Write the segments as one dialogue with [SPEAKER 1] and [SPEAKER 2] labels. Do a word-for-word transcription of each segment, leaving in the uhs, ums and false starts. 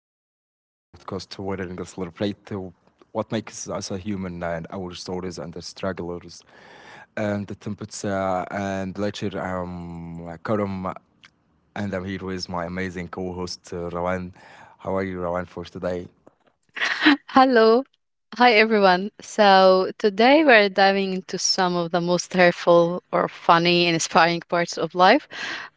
[SPEAKER 1] entertainment in the broadcast wherein we celebrate uh, what makes us a human and our stories and the strugglers and the tempest uh, and lecture. Um, Karam, and I'm here with my amazing co-host uh, Rawan. How are you, Rawan, for today?
[SPEAKER 2] Hello. Hi, everyone. So today we're diving into some of the most hurtful or funny and inspiring parts of life,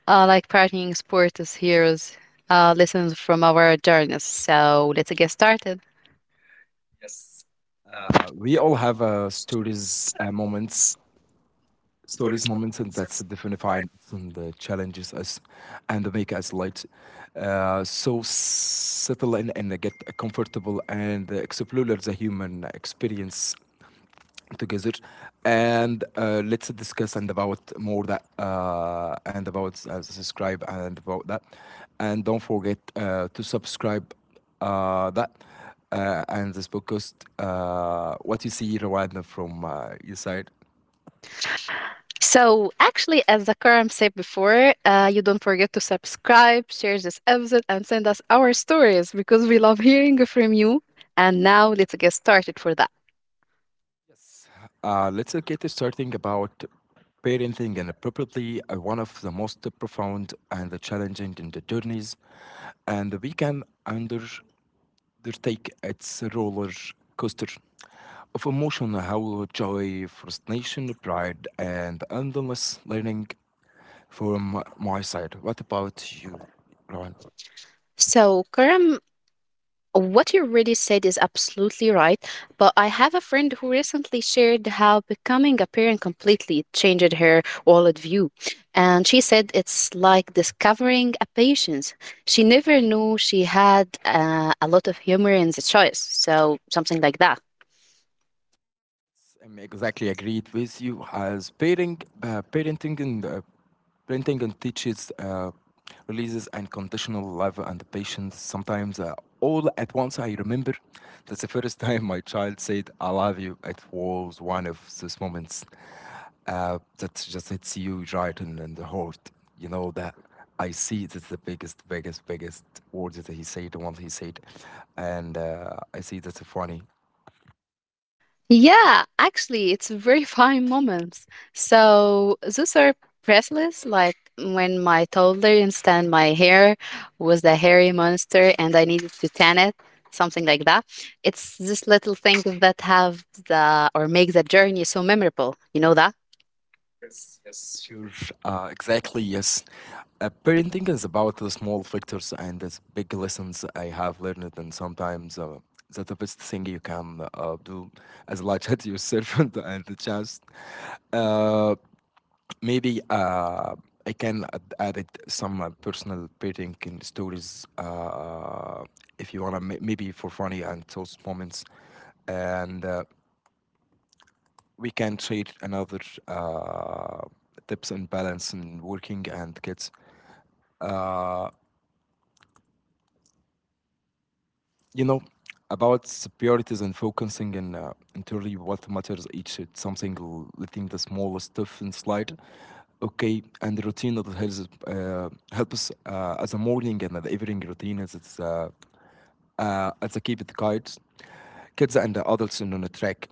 [SPEAKER 2] uh, like partying, sport as heroes, uh, lessons from our journeys. So let's get started.
[SPEAKER 1] Uh, we all have uh, stories, uh, moments stories, moments, and that's define and the challenges us and make us light. Uh, so settle in and get comfortable and explore the human experience together, and uh, let's discuss and about more that uh, and about uh, subscribe and about that, and don't forget uh, to subscribe uh, that uh, and this podcast. Uh, what you see Rwanda from uh, your side.
[SPEAKER 2] So actually, as the said before, uh, you don't forget to subscribe, share this episode, and send us our stories because we love hearing from you. And now, let's get started for that.
[SPEAKER 1] Uh, let's uh, get starting about parenting, and probably uh, one of the most profound and the challenging in the journeys, and we can under- undertake its roller coaster of emotion, how joy, frustration, pride, and endless learning from my side. What about you, Rowan?
[SPEAKER 2] So, Karam, what you already said is absolutely right, but I have a friend who recently shared how becoming a parent completely changed her world view. And she said it's like discovering a patience. She never knew she had uh, a lot of humor in the choice, so something like that.
[SPEAKER 1] I'm exactly agreed with you. As parenting, uh, parenting and uh, parenting and teaches uh, releases unconditional love and patience. Sometimes uh, all at once. I remember that's the first time my child said "I love you." It was one of those moments uh, that just hits you right in, in the heart. You know that. I see that's the biggest, biggest, biggest words that he said. The ones he said, and uh, I see that's funny.
[SPEAKER 2] Yeah, actually, it's very fine moments. So those are priceless. Like when my toddler instead my hair was a hairy monster, and I needed to tan it, something like that. It's this little thing that have the or make the journey so memorable. You know that.
[SPEAKER 1] Sure. Uh, exactly, yes. Uh, parenting is about the small factors and the big lessons I have learned, and sometimes uh, that's the best thing you can uh, do as a large as yourself and, and the chance. Uh, Maybe uh, I can add, add it some uh, personal parenting stories uh, if you want to, maybe for funny and those moments. And uh, we can share another uh, tips and balance in working and kids. Uh, you know, about priorities and focusing and uh, entirely what matters each. It's something l- letting the smallest stuff in slide. Okay, and the routine that helps uh, helps uh, as a morning and an evening routine is it's uh, uh, at the Keep It Kites, kids and adults on a track.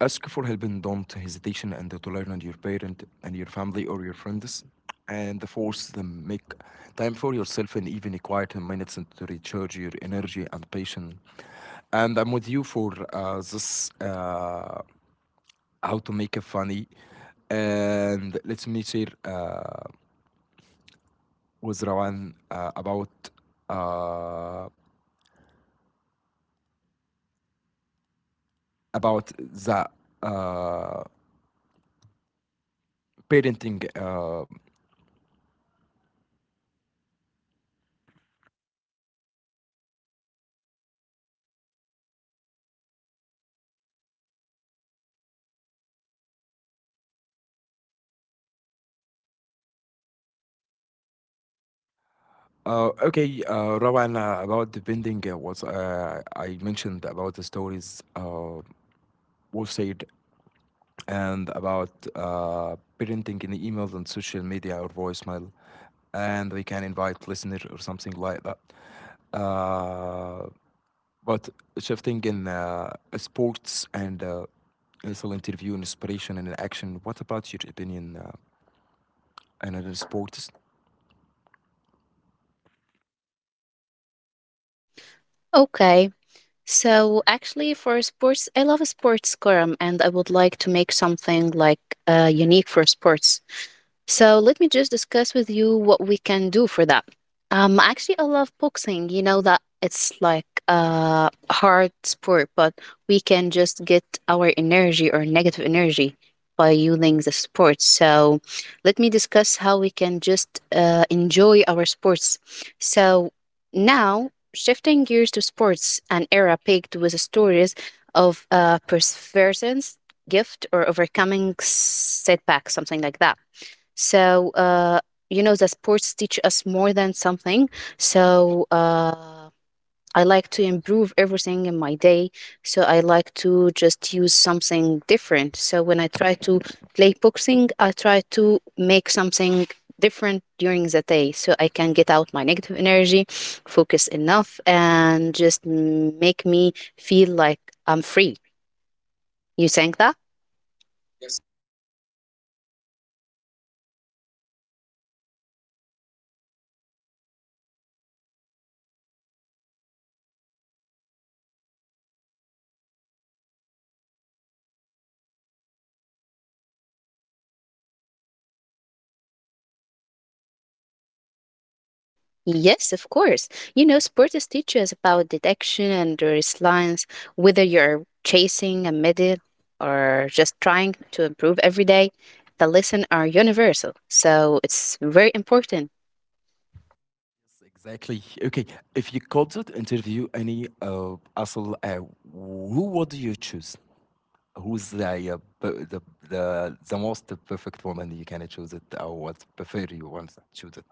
[SPEAKER 1] Ask for help and don't hesitation and to learn and your parent and your family or your friends. And the fourth, the make time for yourself and even a quiet minutes to recharge your energy and patience. And I'm with you for uh, this uh, how to make a funny. And let me share uh, with Rawan uh, about uh, about the uh, Parenting. Uh, uh, okay, uh, Rawan, uh, about the parenting uh, was uh, I mentioned about the stories uh, was said and about uh, parenting in the emails and social media or voicemail, and we can invite listener or something like that. Uh, but shifting in uh, sports, and uh, it's an interview, inspiration, and action. What about your opinion uh, and other sports?
[SPEAKER 2] Okay. So actually for sports, I love sports scrum and I would like to make something like uh, unique for sports. So let me just discuss with you what we can do for that. Um, actually, I love boxing. You know that it's like a hard sport, but we can just get our energy or negative energy by using the sport. So let me discuss how we can just uh, enjoy our sports. So now, shifting gears to sports, an era paved with stories of uh, perseverance, gift, or overcoming setbacks, something like that. So, uh, you know, the sports teach us more than something. So, uh, I like to improve everything in my day. So I like to just use something different. So when I try to play boxing, I try to make something different during the day so I can get out my negative energy, focus enough, and just make me feel like I'm free. You think that? Yes, of course. You know, sports teach us about detection and resilience, whether you're chasing a medal or just trying to improve every day. The lessons are universal, so it's very important.
[SPEAKER 1] Exactly. Okay. If you could interview any uh, asshole, uh, who would you choose? Who's the, uh, per- the the the most perfect woman you can choose it, or what prefer you want to choose it?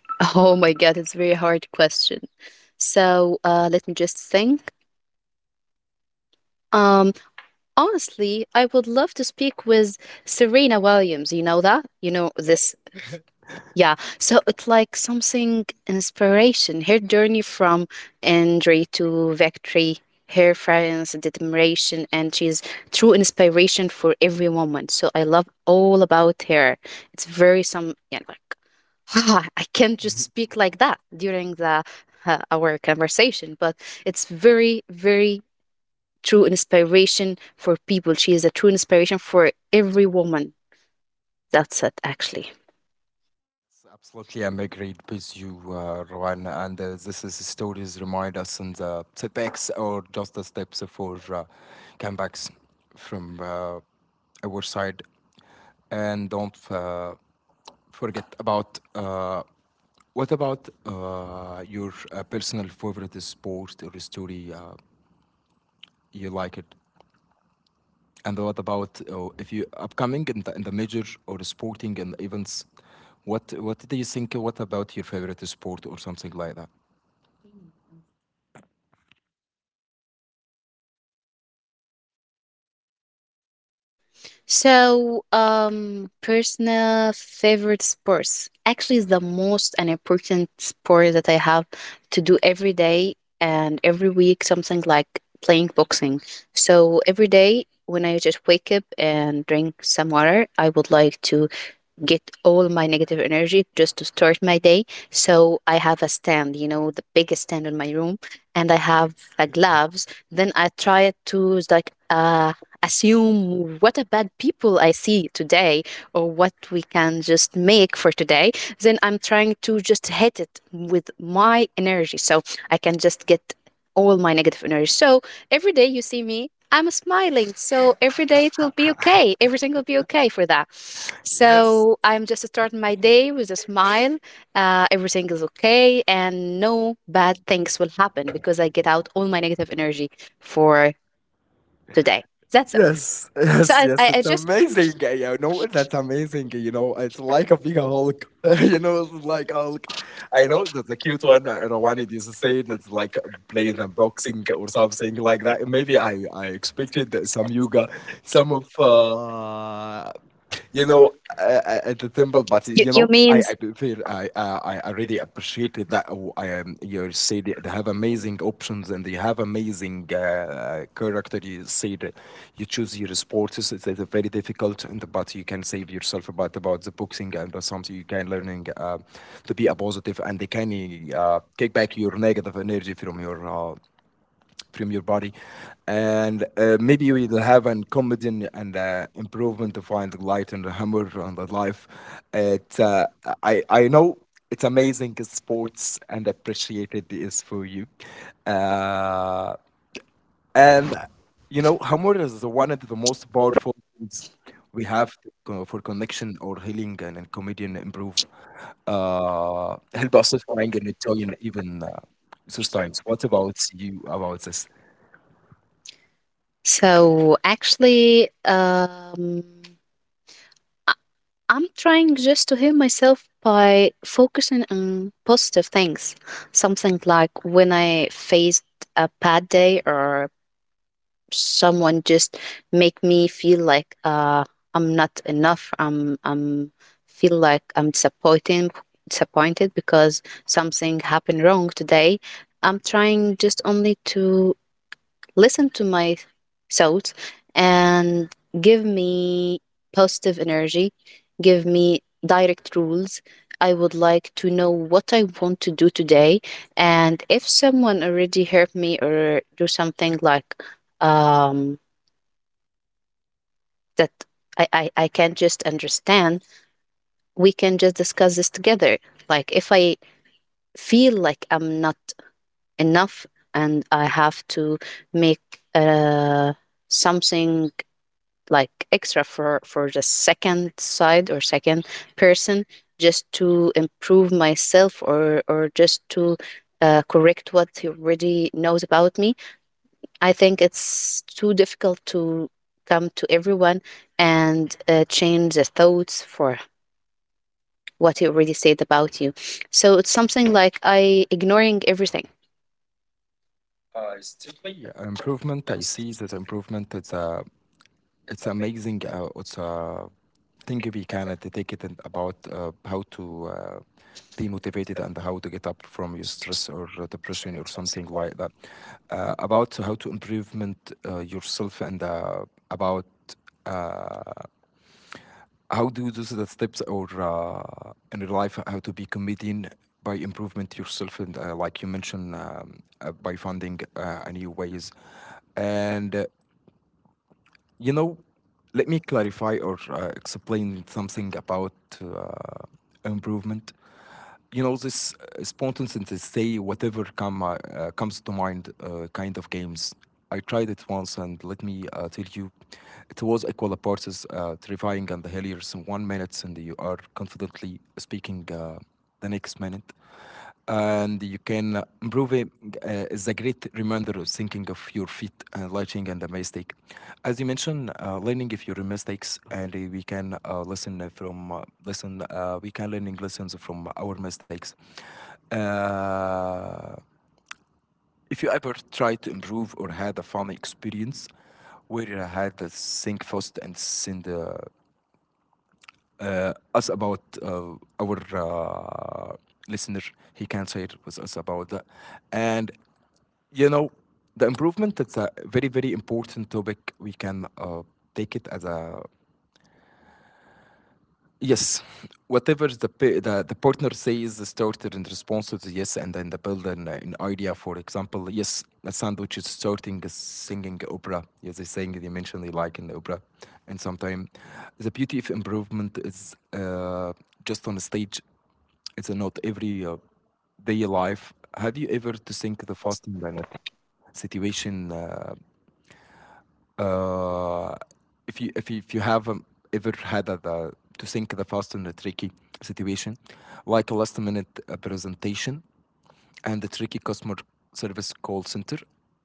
[SPEAKER 2] Oh my God, it's a very hard question. So uh, let me just think. Um, Honestly, I would love to speak with Serena Williams. You know that? You know this. Yeah, so it's like something inspiration. Her journey from injury to victory, her friends, determination, and she's true inspiration for every woman. So I love all about her. It's very some, you know, like I can't just speak like that during the uh, our conversation, but it's very, very true inspiration for people. She is a true inspiration for every woman. That's it, actually.
[SPEAKER 1] Yes, absolutely, I'm agreed with you, uh, Rowan. And uh, this is stories remind us on the setbacks or just the steps for uh, comebacks from uh, our side, and don't uh, forget about uh, what about uh, your uh, personal favorite sport or story uh, you like it, and what about uh, if you upcoming in the, in the major or sporting and events? What what do you think? What about your favorite sport or something like that?
[SPEAKER 2] So, um, personal favorite sports actually is the most and important sport that I have to do every day and every week, something like playing boxing. So every day when I just wake up and drink some water, I would like to get all my negative energy just to start my day. So I have a stand, you know, the biggest stand in my room, and I have the gloves. Then I try to like uh assume what a bad people I see today or what we can just make for today. Then I'm trying to just hit it with my energy so I can just get all my negative energy. So every day you see me I'm smiling, so every day it will be okay. Everything will be okay for that.
[SPEAKER 1] Yes.
[SPEAKER 2] So I'm just starting my day with a smile. Uh, everything is okay, and no bad things will happen because I get out all my negative energy for today. That's it.
[SPEAKER 1] Yes,
[SPEAKER 2] So
[SPEAKER 1] yes,
[SPEAKER 2] I,
[SPEAKER 1] yes.
[SPEAKER 2] I, I
[SPEAKER 1] It's
[SPEAKER 2] just
[SPEAKER 1] amazing. Uh, You know, that's amazing. You know, it's like a big Hulk. You know, it's like a Hulk. I know that's a cute one. uh, Rawani just said it's like playing a boxing or something like that. Maybe I, I expected some yoga, some of, uh, you know, uh, uh, at the temple. But
[SPEAKER 2] you,
[SPEAKER 1] you
[SPEAKER 2] you
[SPEAKER 1] know, I
[SPEAKER 2] means
[SPEAKER 1] I prefer I I, I I really appreciated that. uh, I am you you said they they have amazing options, and they have amazing uh, uh, character. You said you choose your sports. It's, it's very difficult, and, but you can save yourself about about the boxing, and that's something you can learning uh, to be a positive, and they can uh, kick back your negative energy from your uh, from your body, and uh, maybe we'll have an comedian and uh, improvement to find the light and the hammer on the life it, uh, I, I know it's amazing sports and appreciated is for you uh, and you know humor is one of the most powerful things we have to co- for connection or healing, and, and comedian improve uh, help us to find and enjoy and even uh, those times. What about you about this?
[SPEAKER 2] so actually um. I'm trying just to heal myself by focusing on positive things. Something like when I faced a bad day or someone just make me feel like uh, I'm not enough. I'm I'm feel like I'm disappointing disappointed because something happened wrong today. I'm trying just only to listen to my thoughts and give me positive energy, give me direct rules. I would like to know what I want to do today. And if someone already helped me or do something like um, that I, I, I can't just understand, we can just discuss this together. Like if I feel like I'm not enough and I have to make uh, something like extra for for the second side or second person just to improve myself or or just to uh, correct what he already knows about me. I think it's too difficult to come to everyone and uh, change the thoughts for what he already said about you, so it's something like I ignoring everything.
[SPEAKER 1] Definitely, yeah, improvement. I see that improvement. It's a, it's amazing. Uh, it's a thing we can like, take it and about uh, how to uh, be motivated and how to get up from your stress or depression or something like that. Uh, about how to improvement uh, yourself and uh, about. Uh, how do those the steps or uh, in real life how to be comedian by improvement yourself and uh, like you mentioned, um, uh, by finding uh, a new ways, and uh, you know let me clarify or uh, explain something about uh, improvement. You know this uh, spontaneity, say whatever come uh, uh, comes to mind, uh, kind of games. I tried it once and let me uh, tell you it was equal parts as, uh, terrifying and hilarious. In one minute and you are confidently speaking uh, the next minute. Uh, and you can uh, improve it. Uh, is a great reminder of thinking of your feet and lighting and the mistake. As you mentioned, uh, learning if your mistakes, and uh, we can uh, listen uh, from uh, listen. Uh, we can learning lessons from our mistakes. Uh, if you ever try to improve or had a fun experience where you had to think fast and send uh, uh, us about uh, our uh, listener. He can share with us about that. And, you know, the improvement, it's a very, very important topic. We can uh, take it as a yes, whatever the, pa- the the partner says started in response to the yes, and then the build an, uh, an idea. For example, yes, a sandwich is starting a singing opera. Yes, they sing they mention they like in the opera, and sometimes the beauty of improvement is uh, just on the stage. It's a not every uh, day life. Have you ever to think the fasting in situation? Uh, uh, if you if you, if you have um, ever had a, the to think the fast in a tricky situation, like a last minute uh, presentation and the tricky customer service call center,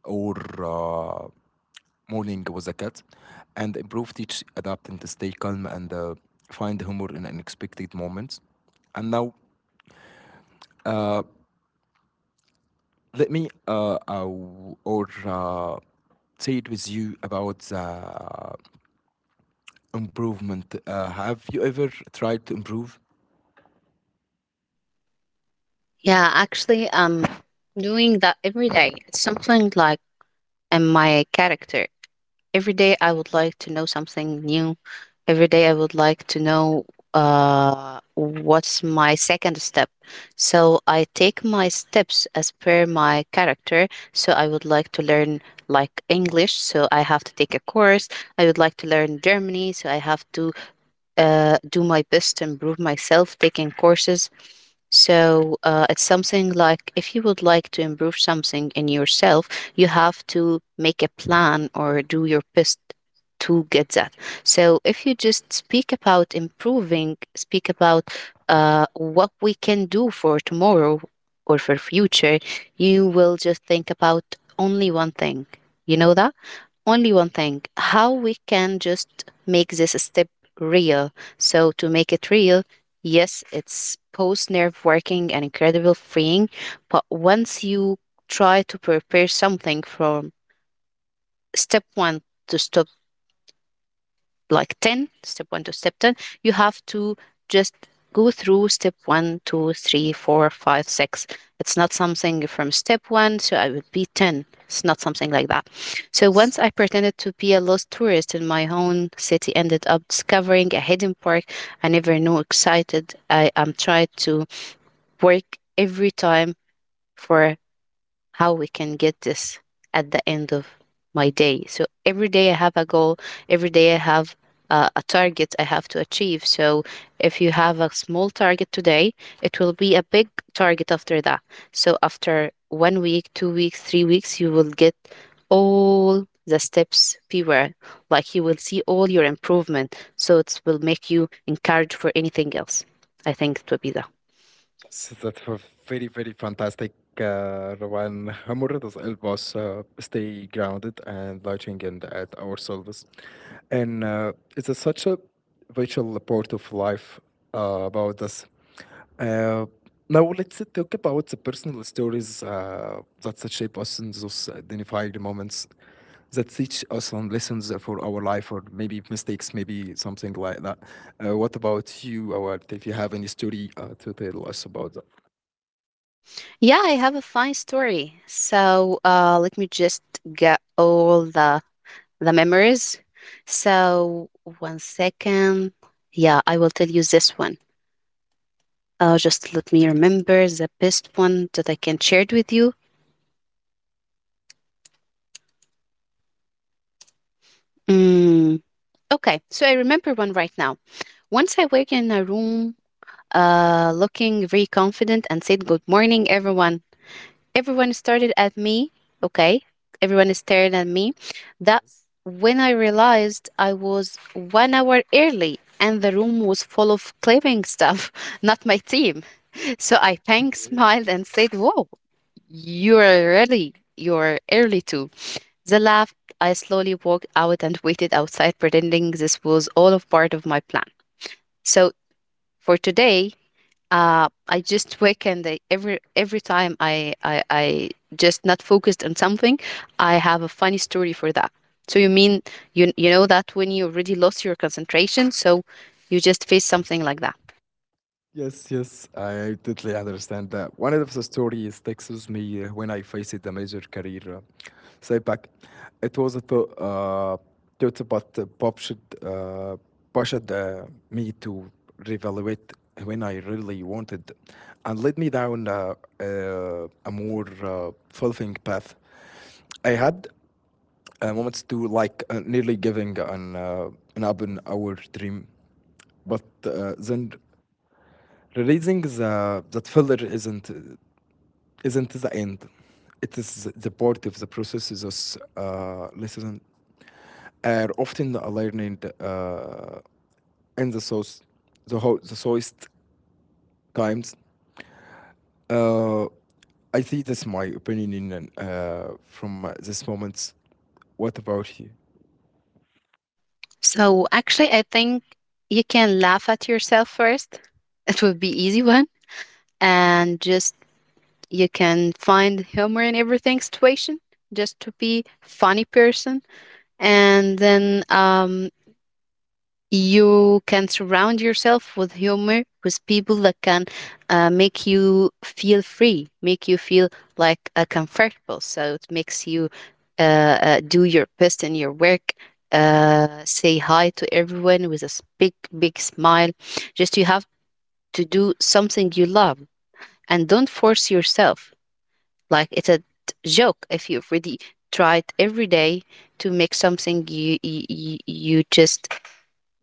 [SPEAKER 1] or uh, morning was a cat, and improve teach adapting to stay calm and uh, find humor in unexpected moments. And now, uh, let me uh, uh, w- or uh, say it with you about uh, Improvement. Uh, have you ever tried to improve?
[SPEAKER 2] Yeah, actually um doing that every day. It's something like in my character. Every day I would like to know something new. Every day I would like to know uh, what's my second step. So I take my steps as per my character. So I would like to learn like English. So I have to take a course. I would like to learn Germany. So I have to uh, do my best to improve myself, taking courses. So uh, it's something like if you would like to improve something in yourself, you have to make a plan or do your best to get that. So if you just speak about improving, speak about uh, what we can do for tomorrow or for future, you will just think about only one thing. You know that? Only one thing, how we can just make this step real. So to make it real, yes, it's post nerve working and incredible freeing. But once you try to prepare something from step one to stop like ten, step one to step ten, you have to just go through step one two three four five six. It's not something from step one, so I would be ten. It's not something like that. So once I pretended to be a lost tourist in my own city, ended up discovering a hidden park I never knew. Excited, I am trying to work every time for how we can get this at the end of my day. So every day I have a goal, every day I have uh, a target I have to achieve. So if you have a small target today, it will be a big target after that. So after one week, two weeks, three weeks, you will get all the steps fewer. Like you will see all your improvement. So it will make you encouraged for anything else. I think it would be that.
[SPEAKER 1] So that's a very, very fantastic uh, one. Humor does help us uh, stay grounded and looking in at ourselves. And uh, it's a, such a vital part of life uh, about us. Uh, Now, let's talk about the personal stories uh, that shape us in those identified moments, that teach us some lessons for our life or maybe mistakes, maybe something like that. Uh, what about you, Awad? If you have any story uh, to tell us about
[SPEAKER 2] Yeah, I have a fine story. So uh, let me just get all the the memories. So one second. Yeah, I will tell you this one. Uh, just let me remember the best one that I can share it with you. Mm, okay, so I remember one right now. Once I wake in a room, uh, looking very confident and said, "Good morning, everyone." Everyone started at me. Okay. Everyone stared at me. That's when I realized I was one hour early and the room was full of claiming stuff, not my team. So I thanked,
[SPEAKER 1] that.
[SPEAKER 2] smiled, and said, "Whoa, you're really, you're early too." They laughed. I slowly walked out and waited outside, pretending this was all a part of my plan. So for today, uh, I just wake and I, every every time I, I I just not focused on something, I have a funny story for that. So you mean you you know that when you already lost your concentration, so you just face something like that.
[SPEAKER 1] Yes, yes, I totally understand that. One of the stories sticks with me uh, when I faced a major career uh, setback. It was a thought, uh, thought about uh, pushed, uh, pushed uh, me to reevaluate when I really wanted and led me down uh, uh, a more uh, fulfilling path. I had uh, moments to like uh, nearly giving an uh, an up in our dream, but uh, then releasing the that filler isn't isn't the end. It is the part of the processes. Uh, lessons are often learned uh, in the source, the ho- the sourced times. Uh, I think that's my opinion in, uh, from uh, this moment. What about you?
[SPEAKER 2] So actually, I think you can laugh at yourself first. It will be easy one, and just you can find humor in everything situation, just to be funny person, and then um you can surround yourself with humor with people that can uh, make you feel free, make you feel like uh, comfortable, so it makes you uh, uh, do your best in your work. Uh, say hi to everyone with a s- big big smile. Just you have to do something you love and don't force yourself, like it's a t- joke. If you've already tried every day to make something you you, you you just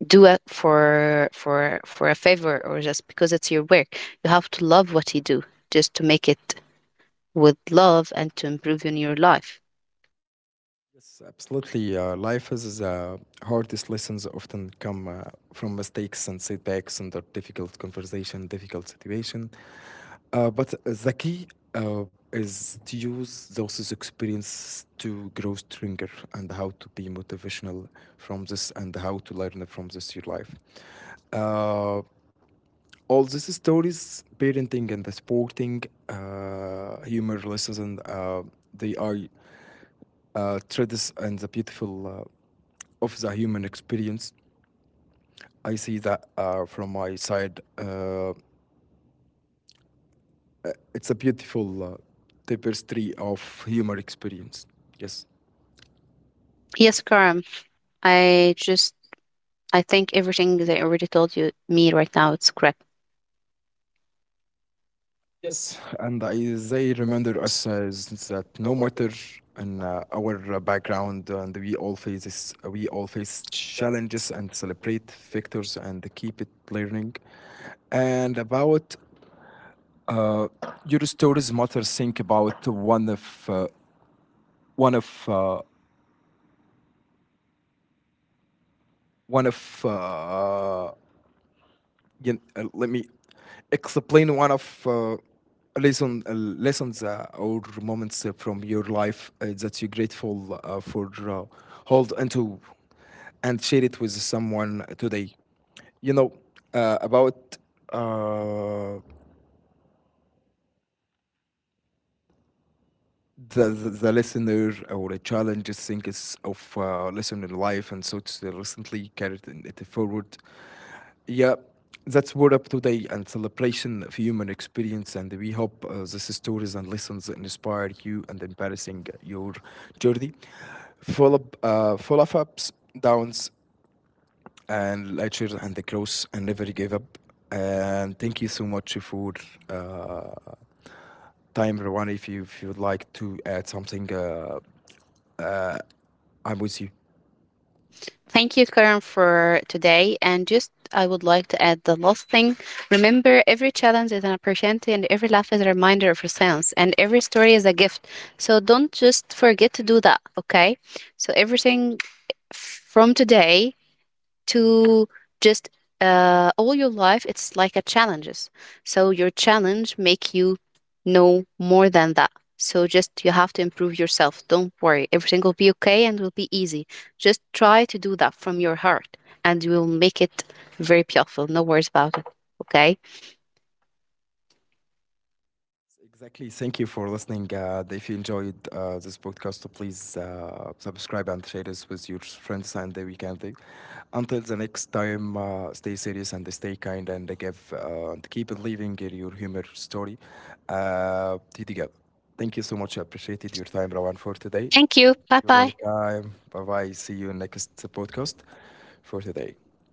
[SPEAKER 2] do it for for for a favor or just because it's your work. You have to love what you do just to make it with love and to improve in your life.
[SPEAKER 1] Yes, absolutely. Uh, life is the hardest lessons often come uh, from mistakes and setbacks under difficult conversation, difficult situation. Uh, but the key uh, is to use those experiences to grow stronger, and how to be motivational from this and how to learn from this your life. Uh, all these stories, parenting and the sporting, uh, humor lessons, and uh, they are uh, threads and the beautiful uh, of the human experience. I see that uh, from my side. Uh, uh, it's a beautiful uh, tapestry of human experience. Yes.
[SPEAKER 2] Yes, Karam, I just I think everything they already told you me right now it's correct.
[SPEAKER 1] Yes, and I, they remember us as that no matter in uh, our uh, background, and we all faces we all face challenges and celebrate victors and keep it learning. And about uh, your stories, matter. Think about one of uh, one of uh, one of uh, you, uh, let me explain one of uh, lesson uh, lessons uh, or moments uh, from your life uh, that you're grateful uh, for, uh, hold onto and share it with someone today. You know uh, about uh, the, the the listener or the challenges thinkers of uh, listener life, and so it's recently carried in- it forward. Yeah, that's word up today and celebration of human experience. And we hope uh, these stories and lessons inspire you and embarrassing your journey. Full up, uh, full of ups, downs, and lectures and the growth, and never give up. And thank you so much for uh, time, Rowan. If you if you'd like to add something, uh, I'm with you.
[SPEAKER 2] Thank you, Karam, for today. And just I would like to add the last thing. Remember, every challenge is an opportunity, and every laugh is a reminder of resilience, and every story is a gift. So don't just forget to do that, okay? So everything from today to just uh, all your life it's like a challenges. So your challenge make you know more than that. So just you have to improve yourself, don't worry, everything will be okay and will be easy. Just try to do that from your heart and you will make it very beautiful. No worries about it. Okay,
[SPEAKER 1] Exactly. Thank you for listening. Uh, if you enjoyed uh, this podcast, so please uh, subscribe and share this with your friends and the weekend. Until the next time, uh, stay serious and stay kind and give uh, and keep believing in your humor story. Uh, together. Thank you so much. I appreciated your time, Rawan, for today. Thank.
[SPEAKER 2] thank you, bye
[SPEAKER 1] You're
[SPEAKER 2] bye.
[SPEAKER 1] welcome. Bye bye. See you next podcast for today.